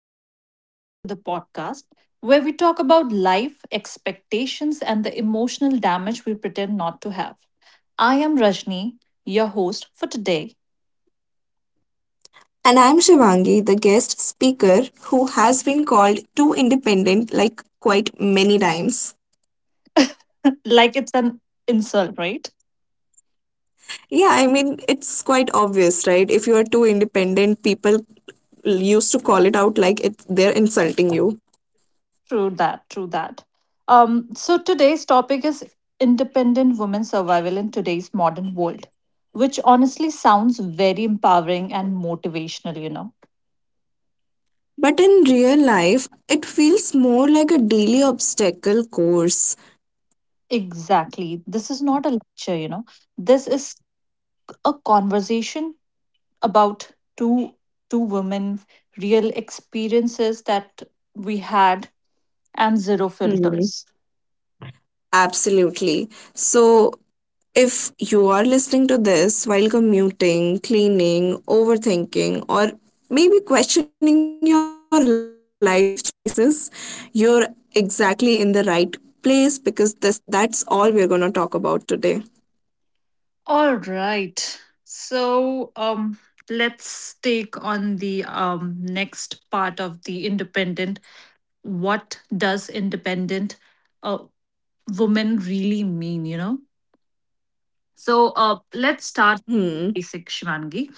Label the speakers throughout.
Speaker 1: and welcome back to the podcast where we talk about life, expectations, and the emotional damage we pretend not to have. I am Rajni, your host for today.
Speaker 2: And I'm Shivangi, the guest speaker who has been called too independent like quite many times.
Speaker 1: Like it's an insult, right?
Speaker 2: Yeah, I mean, it's quite obvious, right? If you are too independent, people used to call it out like it, they're insulting you.
Speaker 1: True that, true that. So today's topic is independent women survival in today's modern world, which honestly sounds very empowering and motivational.
Speaker 2: But in real life, it feels more like a daily obstacle course.
Speaker 1: Exactly. This is not a lecture. This is a conversation about two women, real experiences that we had, and zero
Speaker 2: Hmm.
Speaker 1: filters.
Speaker 2: Absolutely. So, if you are listening to this while commuting, cleaning, overthinking, or maybe questioning your life choices, you're exactly in the right place because this, that's all we're going to talk about today.
Speaker 1: All right. So let's take on the next part of the independent. What does independent uh, woman really mean? So let's start
Speaker 2: Hmm.
Speaker 1: basic, Shivangi.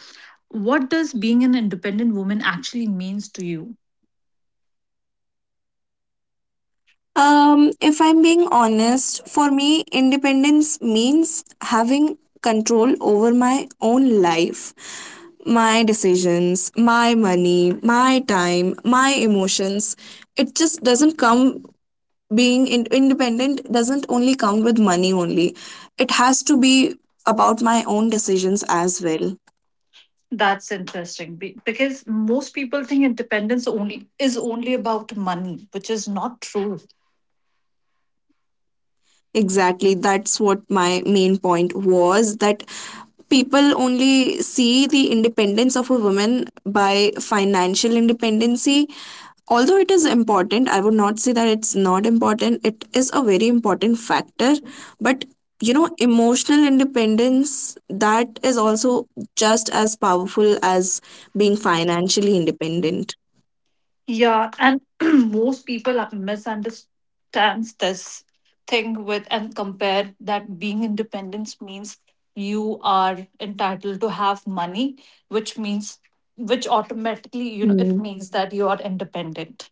Speaker 1: What does being an independent woman actually means to you?
Speaker 2: If I'm being honest, for me, independence means having control over my own life, my decisions, my money, my time, my emotions. It just being independent doesn't only count with money only. It has to be about my own decisions as well.
Speaker 1: That's interesting because most people think independence only is only about money, which is not true.
Speaker 2: Exactly. That's what my was that people only see the independence of a woman by financial independency. Although it is important, I would not say that it's not important. It is a very important factor. But you know, emotional independence that is also just as powerful as being financially independent.
Speaker 1: Yeah, and most people misunderstands this thing with and compare that being independent means you are entitled to have money, which means which
Speaker 2: Hmm.
Speaker 1: automatically it means that you are independent.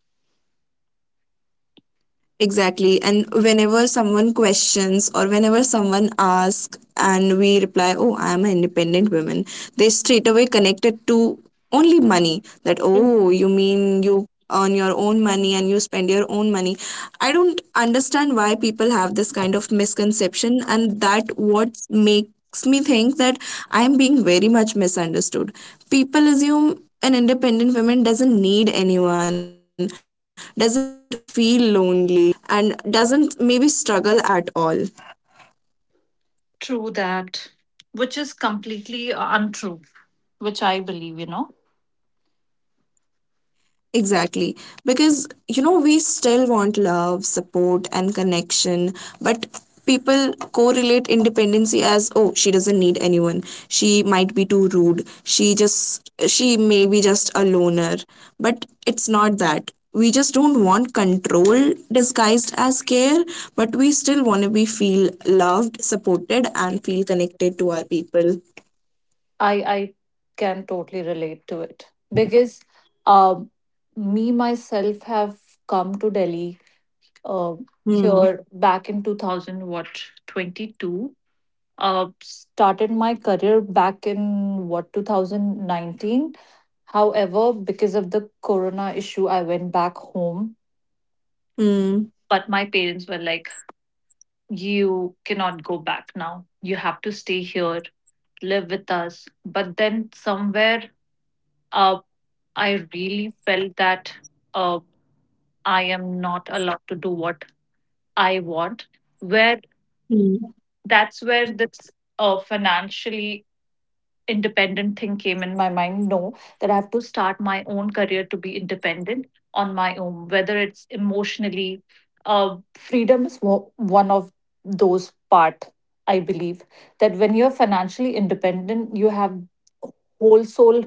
Speaker 2: Exactly. And whenever someone questions or whenever someone asks and we reply, oh, I am an independent woman, they straight away connect it to only money. That,
Speaker 1: True,
Speaker 2: oh, you mean you earn your own money and you spend your own money. I don't understand why people have this of misconception, and that what make makes me think that I'm being very much misunderstood. People assume an independent woman doesn't need anyone, doesn't feel lonely, and doesn't maybe struggle at all.
Speaker 1: True that, which is completely untrue, which I believe.
Speaker 2: Exactly. Because, we still want love, support, and connection, but people correlate independency as, oh, she doesn't need anyone. She might be too rude. She just, she may be just a loner. But it's not that. We just don't want control disguised as care, but we still want to be feel loved, supported, and feel connected to our people.
Speaker 1: I I can totally relate to it because um, me myself have come to Delhi, uh, here
Speaker 2: Hmm.
Speaker 1: back in 2000, what 22, started my career back in what 2019. However, because of the corona issue, I went back home, but
Speaker 2: Hmm.
Speaker 1: my parents were like, you cannot go back now, you have to stay here, live with us. But then somewhere, uh, I really felt that uh, I am not allowed to do what I want. Where
Speaker 2: Hmm.
Speaker 1: that's where this, financially independent thing came in my mind, no? That I have to start my own career to be independent on my own, whether it's emotionally, freedom is one of those part, I believe. That when you're financially independent, you have whole soul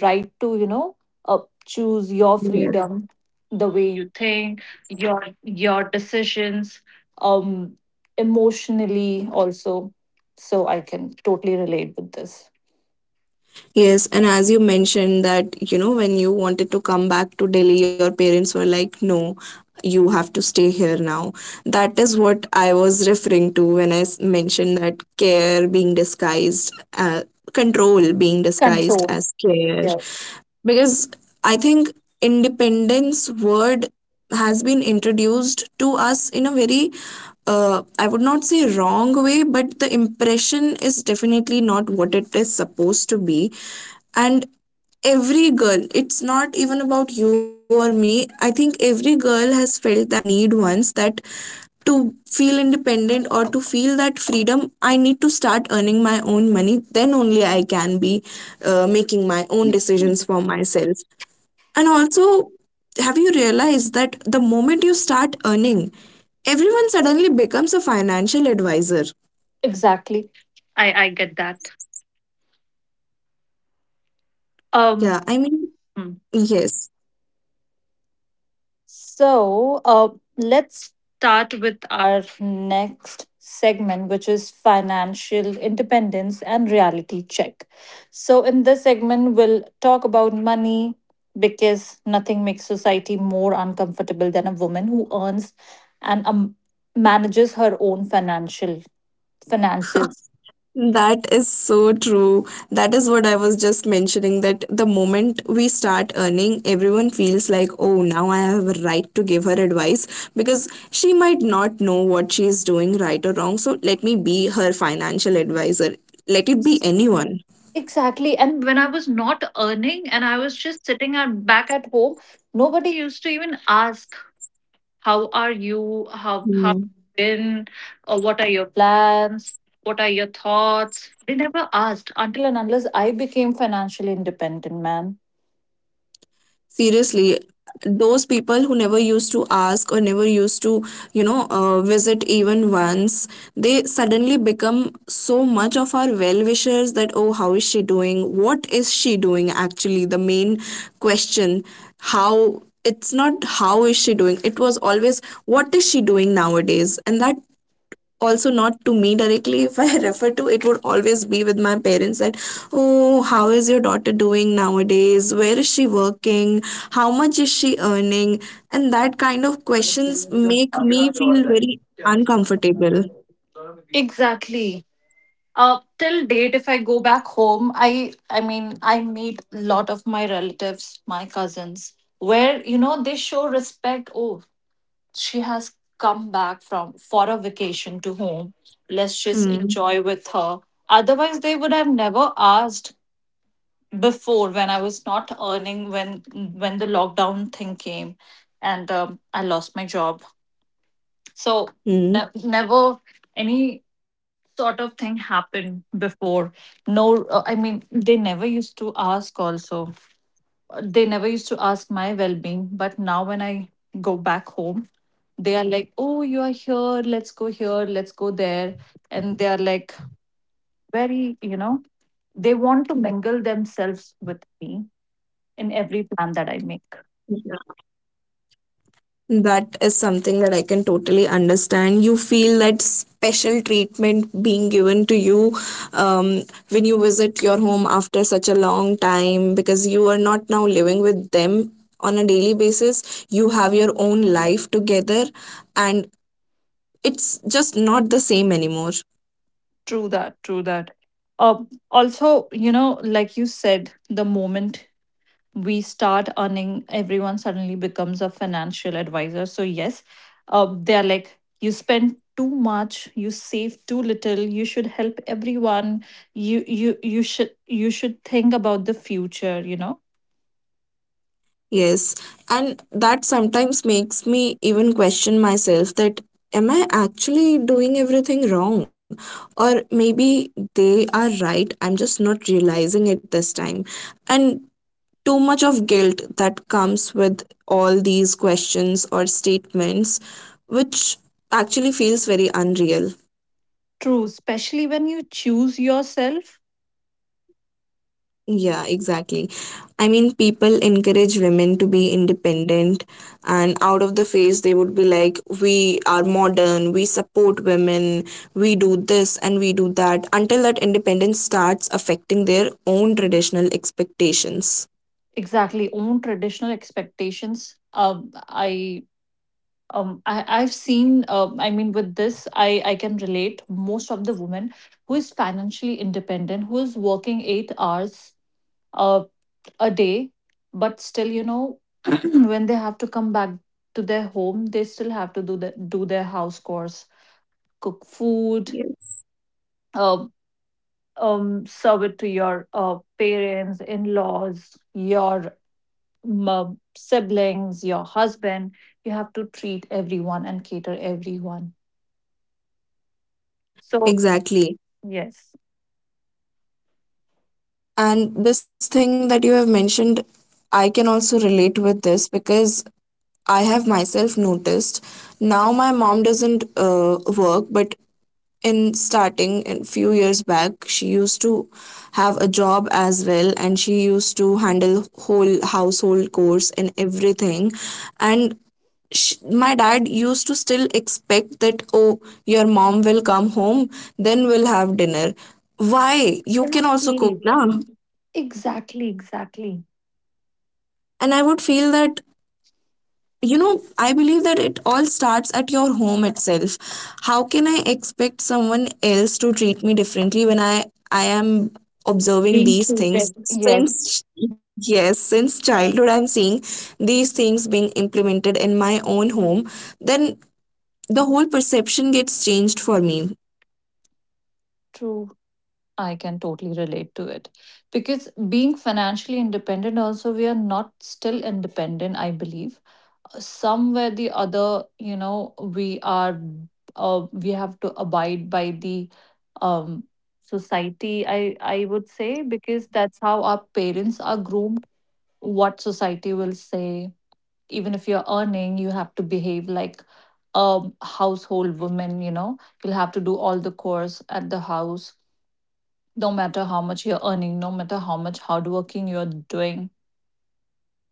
Speaker 1: right to, uh, choose your
Speaker 2: Yes.
Speaker 1: freedom, the way you think, your decisions, um emotionally also. So I can totally relate with this.
Speaker 2: Yes, and as you mentioned that, when you wanted to come back to Delhi, your parents were like, no, you have to stay here now. That is what I was referring to when mentioned that care being disguised, uh, control being disguised
Speaker 1: Control.
Speaker 2: as care.
Speaker 1: Yes.
Speaker 2: Because I think independence word has been introduced to us in a very I would not say wrong way, but the impression is definitely not what it is supposed to be. And every girl, it's not even about you or me. I think every girl has felt that need once, that to feel independent or to feel that freedom, I need to start earning my own money. Then only I can be making my own decisions for myself. And also, have you realized that the moment you start earning, everyone suddenly becomes a financial advisor?
Speaker 1: Exactly. I get that. Um,
Speaker 2: Yeah, I mean,
Speaker 1: hmm.
Speaker 2: yes,
Speaker 1: So let's start with our next segment, which is financial independence and reality check. So, in this segment, we'll talk about money, because nothing makes society more uncomfortable than a woman who earns and, manages her own financial finances.
Speaker 2: that is so true. That is what I was just mentioning, that the moment we start earning, everyone feels like, oh, now I have a right to give her advice because she might not know what she is doing right or wrong. So let me be her financial advisor. Let it be anyone.
Speaker 1: Exactly. And when I was not earning and I was just sitting back at home, nobody used to even ask, how are you? How have you been? Or what are your plans? What are your thoughts? They never asked until and unless I became financially independent, man.
Speaker 2: Seriously, those people who never used to ask or never used to visit even once, they suddenly become so much of our well wishers. That, oh, how is she doing, what is she doing. Actually, the main question, how, it's not how is she doing, it was always what is she doing nowadays. And that also not to me directly. If I refer to, it would always be with my parents. That, oh, how is your daughter doing nowadays, where is she working, how much is she earning. And that kind of questions make me feel very uncomfortable.
Speaker 1: Exactly. Till date, if I go back home, I mean, I meet a lot of my relatives, my cousins, where they show respect. Oh, she has come back from for a vacation to home. Let's just
Speaker 2: Hmm.
Speaker 1: enjoy with her. Otherwise, they would have never asked before, when I was not earning, when the lockdown thing came, and I lost my job. So
Speaker 2: Hmm.
Speaker 1: never any sort of thing happened before. No, I mean, they never used to ask. Also, they never used to ask my well being. But now when I go back home, they are like, oh, you are here, let's go there. And they are like, very, they want to mingle themselves with me in every plan that I make.
Speaker 2: Hmm. That is something that I can totally understand. You feel that special treatment being given to you um, when you visit your home after such a long time, because you are not now living with them on a daily basis. You have your own life together, and it's just not the same anymore.
Speaker 1: True that, true that. Uh, Also, like you said, the moment we start earning, everyone suddenly becomes a financial advisor. So yes, they're like, you spend too much, you save too little, you should help everyone, you should think about the future.
Speaker 2: Yes, and that sometimes makes me even question myself, that am I actually doing everything wrong? Or maybe they are right, I'm just not realizing it this time. And too much of guilt that comes with all these questions or statements, which actually feels very unreal.
Speaker 1: True, especially when you choose yourself.
Speaker 2: Yeah, exactly. I mean, people encourage women to be independent, and out of the phase, they would be like, we are modern, we support women, we do this and we do that, until that independence starts affecting their own traditional expectations.
Speaker 1: Exactly, own traditional expectations. I've seen, I mean, with this, I can relate most of the women who is financially independent, who is working 8 hours, uh, a day, but still, when they have to come back to their home, they still have to do do their house chores, cook food,
Speaker 2: Yes.
Speaker 1: um, serve it to your, parents, in laws, your, siblings, your husband. You have to treat everyone and cater everyone. So.
Speaker 2: Exactly.
Speaker 1: Yes.
Speaker 2: And this thing that you have mentioned, I can also relate with this, because I have myself noticed, now my mom doesn't work, but in starting a few years back she used to have a job as well and she used to handle whole household chores and everything. And sh my dad used to still expect that, oh, your mom will come home, then we'll have dinner. Why you can also
Speaker 1: Exactly.
Speaker 2: cook now.
Speaker 1: Exactly. Exactly.
Speaker 2: And I would feel that, you know, I believe that it all starts at your home itself. How can I expect someone else to treat me differently when I am observing
Speaker 1: Being
Speaker 2: these things
Speaker 1: treated. Yes,
Speaker 2: since, yes, since childhood I'm seeing these things being implemented in my own home. Then the whole perception gets changed for me.
Speaker 1: true. I can totally relate to it, because being financially independent, also, we are not still independent, I believe. Somewhere the other, we are, we have to abide by the, um, society, I would say, because that's how our parents are groomed, what society will say. Even if you're earning, you have to behave like a household woman, you'll have to do all the chores at the house, no matter how much you're earning, no matter how much hardworking you're doing,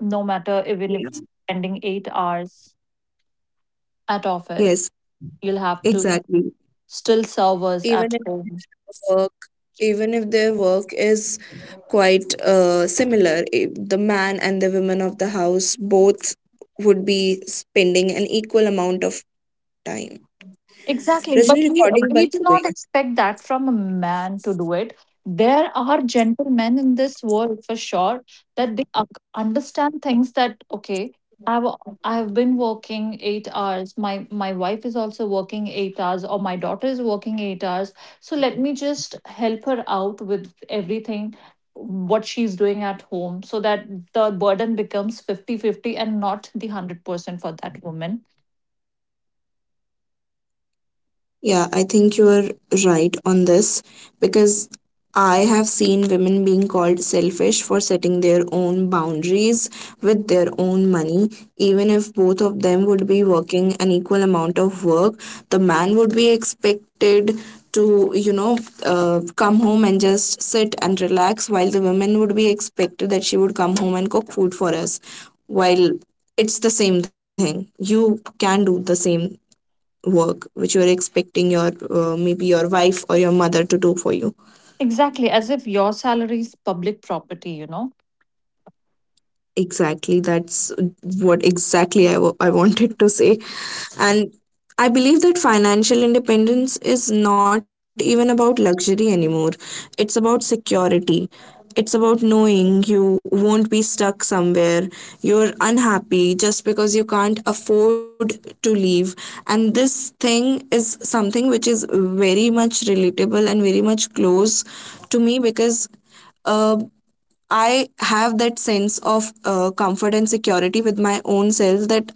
Speaker 1: no matter even if
Speaker 2: Yeah.
Speaker 1: you spending 8 hours at office,
Speaker 2: Yes,
Speaker 1: you'll have to
Speaker 2: exactly.
Speaker 1: still serve us at home. Exactly, but we do not expect that from a man to do it. There are gentlemen in this world for sure that they understand things that okay, I've I've been working 8 hours. My wife is also working 8 hours, or my daughter is working 8 hours. So let me just help her out with everything what she's doing at home, so that the burden becomes 50-50, and not the 100% for that woman.
Speaker 2: Yeah, I think you are right on this, because I have seen women being called selfish for setting their own boundaries with their own money. Even if both of them would be working an equal amount of work, the man would be expected to, come home and just sit and relax, while the woman would be expected that she would come home and cook food for us. While it's the same thing, you can do the same work which you're expecting your maybe your wife or your mother to do for you.
Speaker 1: Exactly, as if your salary is public property.
Speaker 2: Exactly, that's what exactly I wanted to say. And I believe that financial independence is not even about luxury anymore. It's about security. It's about knowing you won't be stuck somewhere. You're unhappy just because you can't afford to leave. And this thing is something which is very much relatable and very much close to me, because uh, I have that sense of comfort and security with my own self, that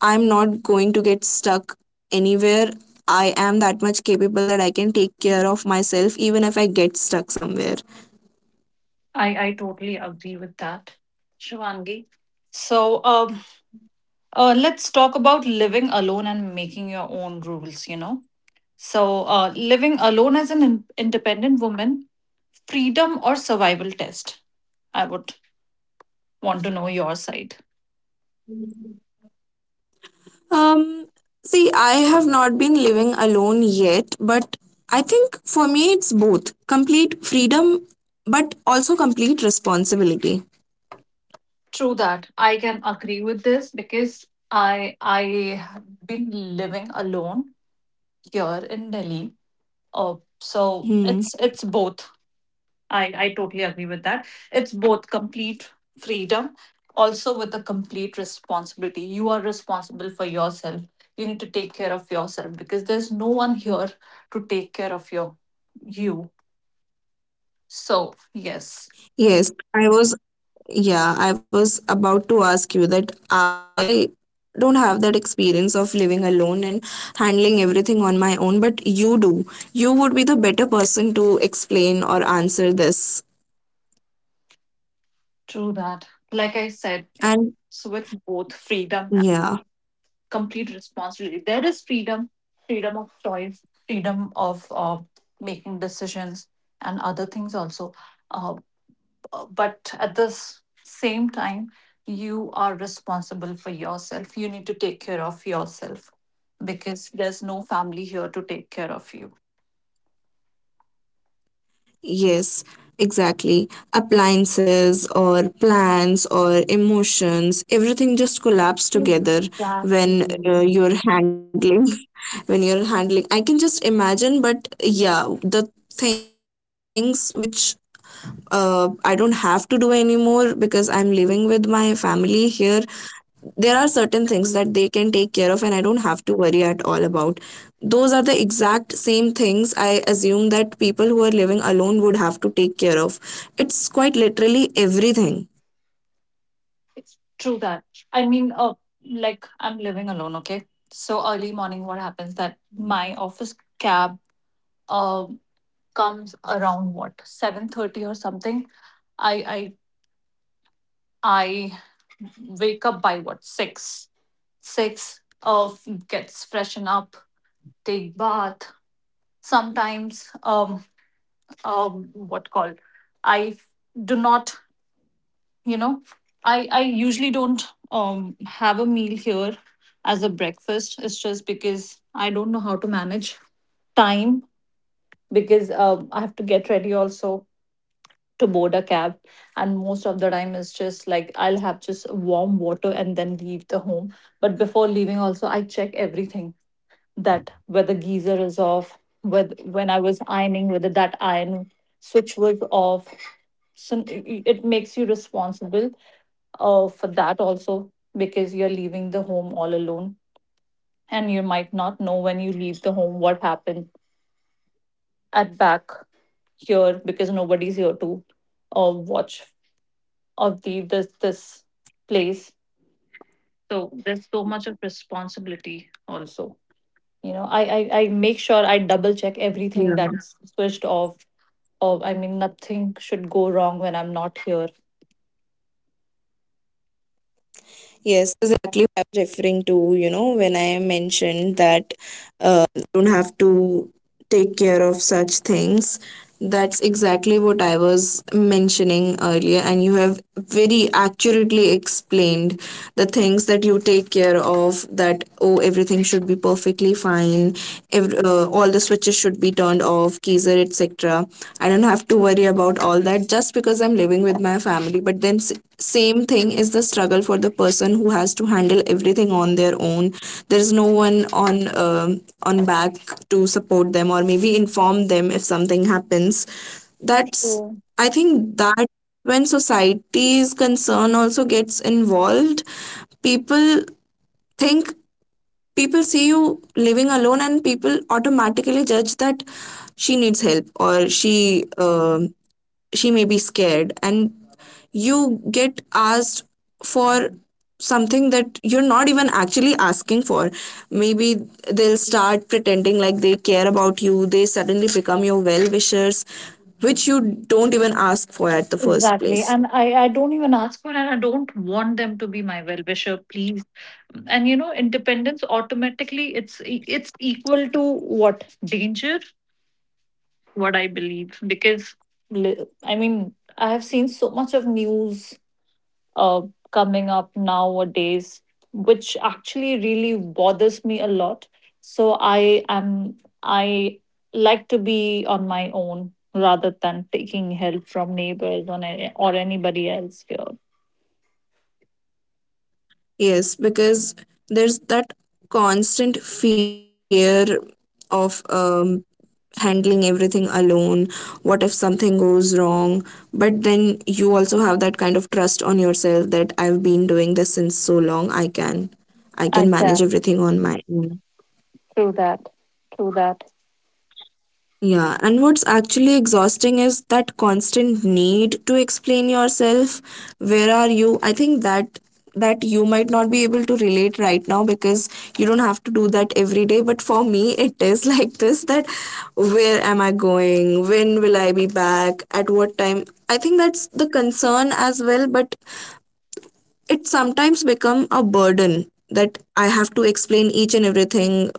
Speaker 2: I'm not going to get stuck anywhere. I am that much capable that I can take care of myself even if I get stuck somewhere.
Speaker 1: I totally agree with that, Shivangi. So let's talk about living alone and making your own rules. So, living alone as an independent woman, freedom or survival test? I would want to know your side.
Speaker 2: Um, See, I have not been living alone yet, but I think for me it's both complete freedom but also complete responsibility.
Speaker 1: True that. I can agree with this, because I have been living alone here in Delhi. Uh, so
Speaker 2: Hmm.
Speaker 1: it's both. I totally agree with that. It's both complete freedom, also with a complete responsibility. You are responsible for yourself. You need to take care of yourself because there's no one here to take care of your you. So yes,
Speaker 2: Yes, I was Yeah, I was about to ask you that I don't have that experience of living alone and handling everything on my own, but you do. You would be the better person to explain or answer this.
Speaker 1: true that. Like I said,
Speaker 2: And
Speaker 1: it's with both freedom,
Speaker 2: yeah,
Speaker 1: complete responsibility. There is freedom, freedom of choice, freedom of, making decisions, and other things also. Uh, but at the same time, you are responsible for yourself. You need to take care of yourself because there's no family here to take care of you.
Speaker 2: yes, exactly. Appliances or plans or emotions, everything just collapse together when
Speaker 1: Exactly.
Speaker 2: you're handling. When you're handling, I can just imagine. But yeah, the things which I don't have to do anymore because I'm living with my family here. There things that they can take care of, and I don't have to worry at all about. Those are the exact same things I assume that people who are living alone would have to care of. It's quite literally everything.
Speaker 1: It's true that. I mean, like I'm living alone, okay? So early morning, what happens that my office cab, uh, comes around, 7:30 or something. I, I wake up by 6. 6, gets freshen up, take bath. Sometimes what called I do not you know I usually don't have a meal here as a breakfast, it's just because I don't know how to manage time, because I have to get ready also to board a cab. And most of the time, it's just like I'll have just warm water and then leave the home. But before leaving also, I check everything, that whether geyser is off, whether when I was ironing, whether that iron switch was off. So makes you responsible, for that also, because you're leaving the home all alone, and you might not know when you leave the home what happened at back here, because nobody's here to, watch of the, this place. So there's so much of responsibility also, I make sure I double check
Speaker 2: Yeah.
Speaker 1: everything that's switched off, or I mean, nothing should go wrong when I'm not here.
Speaker 2: Things. That's exactly what I was mentioning earlier, and you have very accurately explained the things that you take care of. That, oh, everything should be perfectly fine. All the switches be turned off, keys are etc. I don't have to worry about all that just because I'm living with my family. But then same thing is the struggle for the person who has to handle everything on their own. There is no one on back to support them or maybe inform them if something happens. That's, I think, that when society's concern also gets involved, people think, people see you living alone and people automatically judge that she needs help, or she may be scared, and you get asked for something that you're not even actually asking for. Maybe they'll start pretending like care about you, they suddenly become your well wishers, which you don't even ask for at the first
Speaker 1: Exactly.
Speaker 2: place.
Speaker 1: And I don't even ask for, and I don't want them to be my well wisher, please. And independence automatically, it's it's equal to what? Danger, what I believe. Because I mean, I have seen so much of news, uh, coming up nowadays, which actually really bothers me a lot. So I like to be on my own, rather than taking help from neighbors, or, or anybody else here.
Speaker 2: Yes, because there's that constant fear of handling everything alone. What if something goes wrong? But then you also have that kind of trust on yourself, that I've been doing this since so long, I
Speaker 1: I
Speaker 2: can manage
Speaker 1: can.
Speaker 2: everything on my own.
Speaker 1: True that. True that.
Speaker 2: Yeah, and what's actually exhausting is that constant need to explain yourself. Where are you? I think that you might not be able to relate right now because you don't have to do that every day, but for me it is like this. That where am I going, when will I be back, at what time. I think that's the concern as well, but it sometimes become a burden that I have to explain each and everything,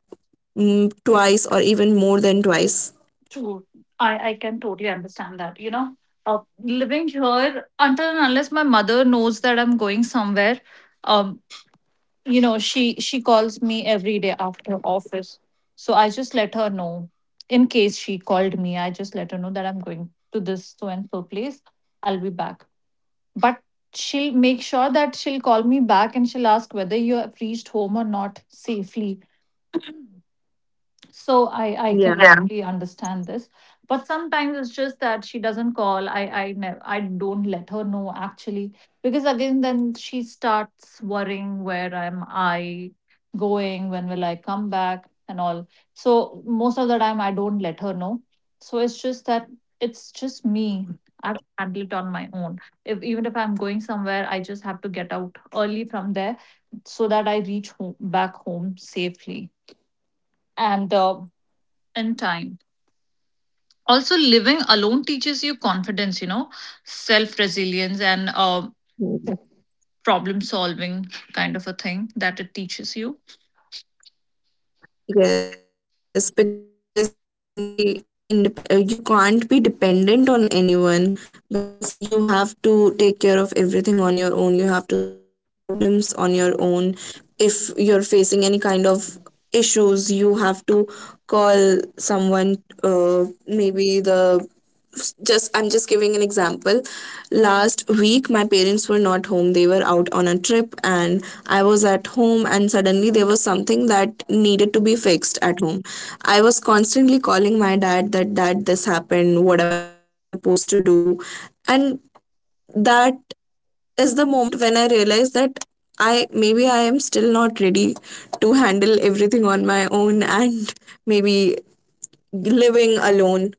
Speaker 2: twice or even more than twice.
Speaker 1: True. I can totally understand that. Living here, until and unless my mother knows that I'm going somewhere, um, she calls me every day after office. So I just let her know. In case she called me, I just let her know that I'm going to this so and so place, I'll be back. But she'll make sure that she'll call me back, and she'll ask whether you have reached home or not safely. So I can really understand this. But sometimes it's just that she doesn't call, I never, I don't let her know actually, because again then she starts worrying, where am I going, when will I come back and all. So most of the time I don't let her know. So it's just that, it's just me, I've handled it on my own. If, even if I'm going somewhere, I just have to get out early from there, so that I reach home back home safely and, and time. Also, living alone teaches you confidence, self resilience and, problem solving kind of a thing that it teaches you.
Speaker 2: Yes, because you can't be independent, you can't be dependent on anyone because you have to take care of everything on your own. You have to solve your problems on your own. If you're facing any kind of issues, you have to call someone, maybe the just I'm just giving an example. Last week my parents were not home, they were out on a trip, and I was at home and suddenly there was something that needed to be fixed at home. I was constantly calling my dad that, Dad, this happened, what am I supposed to do? And that is the moment when I realized that I maybe I am still not ready to handle everything on my own, and maybe living alone,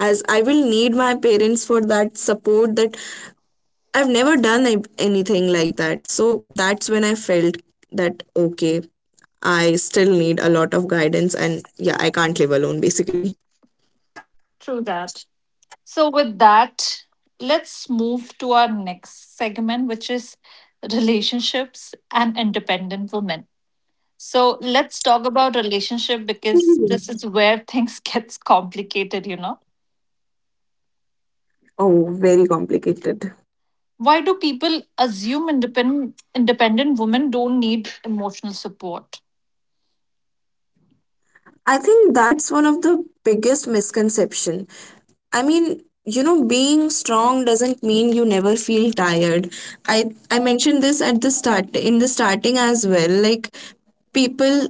Speaker 2: as I will need my parents for that support. That I've never done anything like that. So that's when I felt that, okay, I still need a lot of guidance, and yeah, I can't live alone basically.
Speaker 1: True that. So, with that, let's move to our next segment, which is relationships and independent women. So, let's talk about relationship, because this is where things gets complicated.
Speaker 2: Oh, very complicated.
Speaker 1: Why do people assume independent women don't need emotional support?
Speaker 2: I think that's one of the biggest misconception. I mean, you know, being strong doesn't mean you never feel tired. I I mentioned this at the start, in the starting as well. Like, people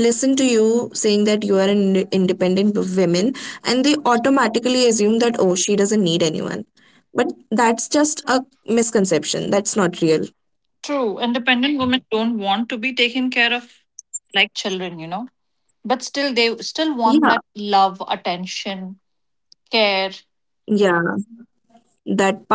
Speaker 2: listen to you saying that you are an independent woman and they automatically assume that, oh, she doesn't need anyone. But that's just a misconception. That's not real.
Speaker 1: True, independent women don't want to be taken care of like children. But still, they still want that
Speaker 2: Yeah.
Speaker 1: love, attention, care
Speaker 2: Yeah.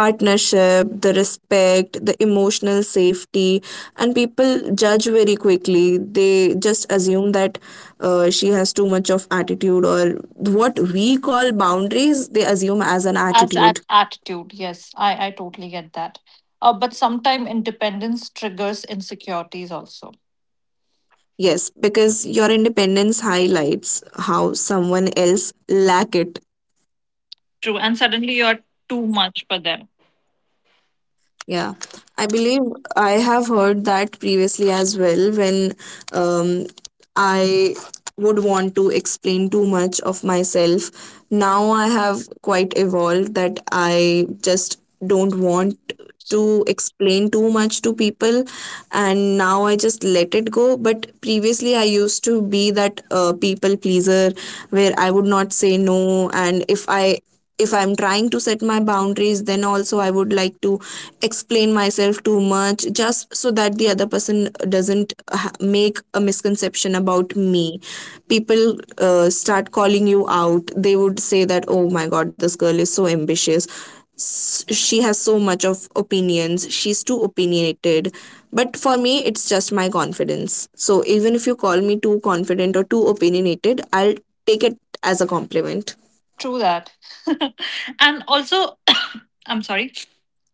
Speaker 2: That partnership, the emotional safety, and people judge very quickly. They just assume that she has too much of attitude, or what we call boundaries, they assume as an
Speaker 1: as
Speaker 2: attitude.
Speaker 1: an attitude. Yes, I totally get that. But sometimes independence triggers insecurities also.
Speaker 2: Yes, because your independence highlights how someone else lack it.
Speaker 1: True, and suddenly you're too much for them.
Speaker 2: Yeah, I believe I have heard that previously as well when um, I would want to explain too much of myself. Now I have quite evolved that I just don't want to explain too much to people, and now I just let it go. But previously I used to be that people pleaser where I would not say no. And if I, if I'm trying to set my boundaries then also I would like to explain myself too much, just so that the other person doesn't make a misconception about me. People start calling you out. They would say that, oh my god, this girl is so ambitious, she has so much of opinions, she's too opinionated. But for me it's just my confidence, so even if you call me too confident or too opinionated, I'll take it as a compliment.
Speaker 1: True that. And also, I'm sorry,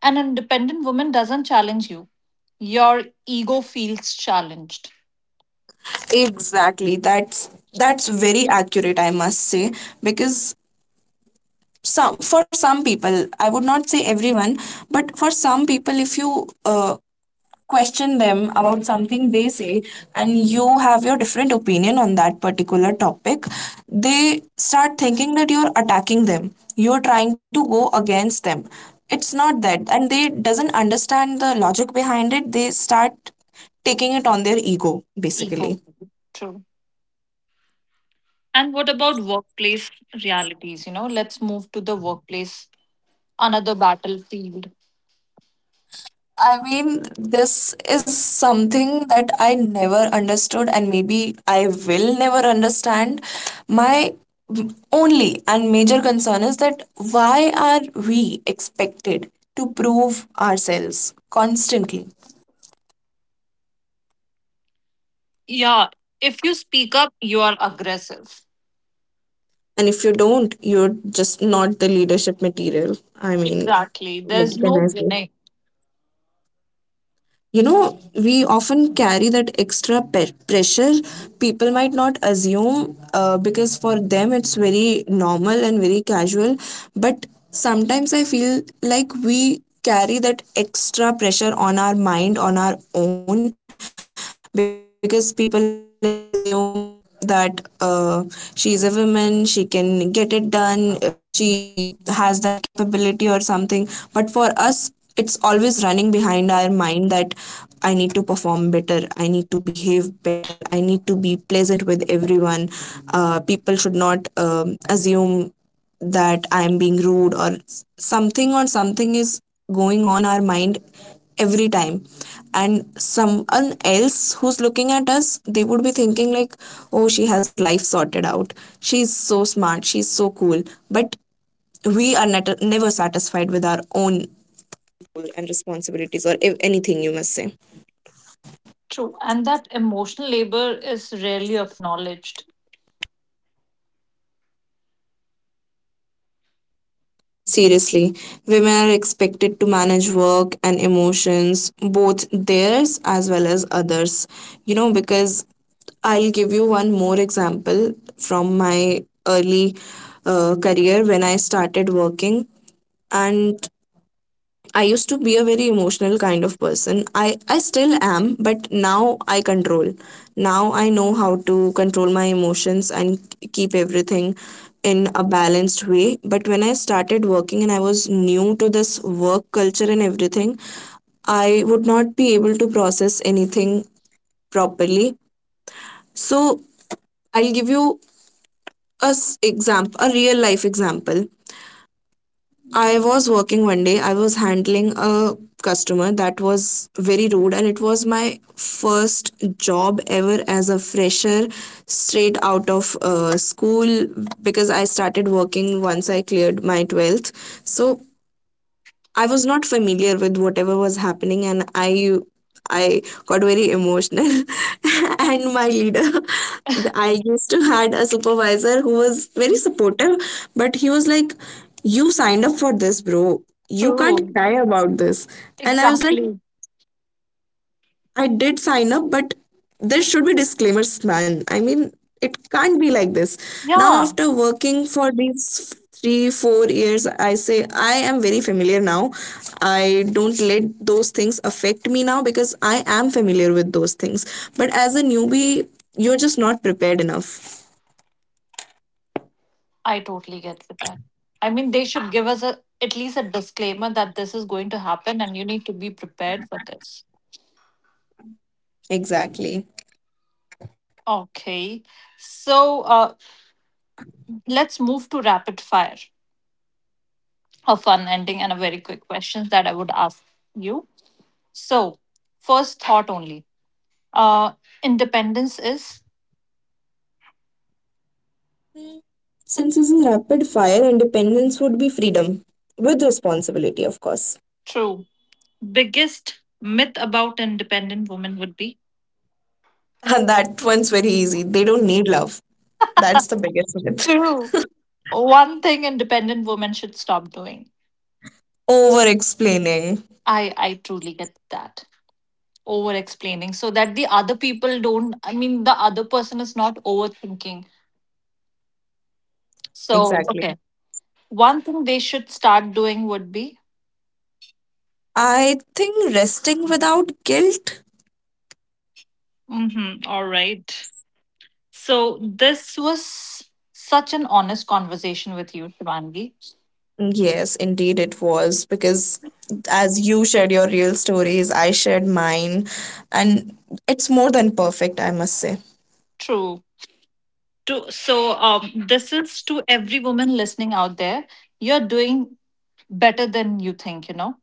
Speaker 1: an independent woman doesn't challenge you. Your ego feels challenged.
Speaker 2: Exactly. That's very accurate, I must say, because some for some people, I would not say everyone, but for some people, if you question them about something they say, and you have your different opinion on that particular topic, they start thinking that you're attacking them. You're trying to go against them. It's not that, and they doesn't understand the logic behind it. They start taking it on their ego,
Speaker 1: Ego.
Speaker 2: basically.
Speaker 1: True. And what about workplace realities? Let's move to the workplace, another battlefield.
Speaker 2: I mean, this is something that I never understood, and maybe I will never understand. My only and major concern is that why are we expected to prove ourselves constantly?
Speaker 1: Yeah, if you speak up, you are aggressive.
Speaker 2: And if you don't, you're just not the leadership material. I mean,
Speaker 1: Exactly.
Speaker 2: what
Speaker 1: There's
Speaker 2: can I
Speaker 1: no
Speaker 2: say?
Speaker 1: winning.
Speaker 2: You know, we often carry that extra pressure. People might not assume, because for them it's very normal and very casual, but sometimes I feel like we carry that extra pressure on our mind, on our own, because people assume that, she is a woman, she can get it done, she has that capability or something. But for us it's always running behind our mind that I need to perform better, I need to behave better, I need to be pleasant with everyone. People should not assume that I'm being rude, or something, or something is going on in our mind every time. And someone else who's looking at us, they would be thinking like, oh, she has her life sorted out, she's so smart, she's so cool. But we are never satisfied with our own.
Speaker 1: True. And that emotional labor is rarely acknowledged.
Speaker 2: Seriously, women are expected to manage work and emotions, both theirs as well as others. You know, because I'll give you one more example from my early career when I started working. And I used to be a very emotional kind of person. I still am, but now I control. Now I know how to control my emotions and keep everything in a balanced way. But when I started working and I was new to this work culture and everything, I would not be able to process anything properly. So I'll give you a example, a real life example. I was working one day. I was handling a was very rude, and it was my first job ever as a fresher, straight out of school, because I started working once I cleared my 12th. So I was not familiar with whatever was happening, and I got very emotional and my leader, I used to had a supervisor who was
Speaker 1: Mm.
Speaker 2: very supportive, but he was like, you signed up for this, bro, you
Speaker 1: True.
Speaker 2: can't cry about this. And I was like,
Speaker 1: Exactly.
Speaker 2: I did sign up, but there should be disclaimers, man. I mean, it can't be like this. Now, after
Speaker 1: Yeah,
Speaker 2: working for these 3, 4 years, I say I am very familiar now. I don't let those things affect me now because I am familiar with those things. But as a newbie, you're just not prepared enough.
Speaker 1: I totally get with that. I mean, they should give us a at least a disclaimer that this is going to happen and you need to be prepared for this.
Speaker 2: Exactly.
Speaker 1: Okay. So let's move to rapid fire. A fun ending and a very quick questions that I would ask you. So, first thought only. Uh, Independence is
Speaker 2: Since it's a rapid fire, independence would be freedom with responsibility, of course.
Speaker 1: true. Biggest myth about independent women would be
Speaker 2: And that one's very easy. They don't need love. That's the biggest myth.
Speaker 1: true. One thing independent women should stop doing.
Speaker 2: Over explaining.
Speaker 1: I truly get that, over explaining, so that the other people don't. I mean, the other person is not overthinking. So
Speaker 2: Exactly.
Speaker 1: okay, one thing they should start doing would be.
Speaker 2: I think resting without guilt.
Speaker 1: Mm-hmm, all right. So this was such an honest conversation with you, Shivangi.
Speaker 2: Yes, indeed it was. Because as you shared your real stories, I shared mine. And it's more than perfect, I must say.
Speaker 1: True. So, this is to every woman listening out there. You're doing better than you think.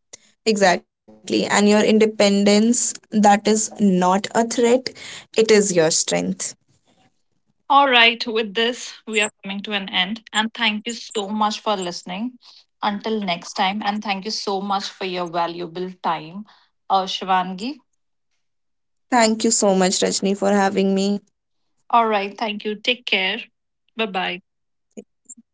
Speaker 2: Exactly. And your independence, that is not a threat, it is your strength.
Speaker 1: All right, with this, we are coming to an end. And thank you so much for listening. Until next time, and thank you so much for your valuable time, Shivangi.
Speaker 2: Thank you so much, Rajni, for having me.
Speaker 1: All right, thank you. Take care. Bye bye.
Speaker 2: Bye.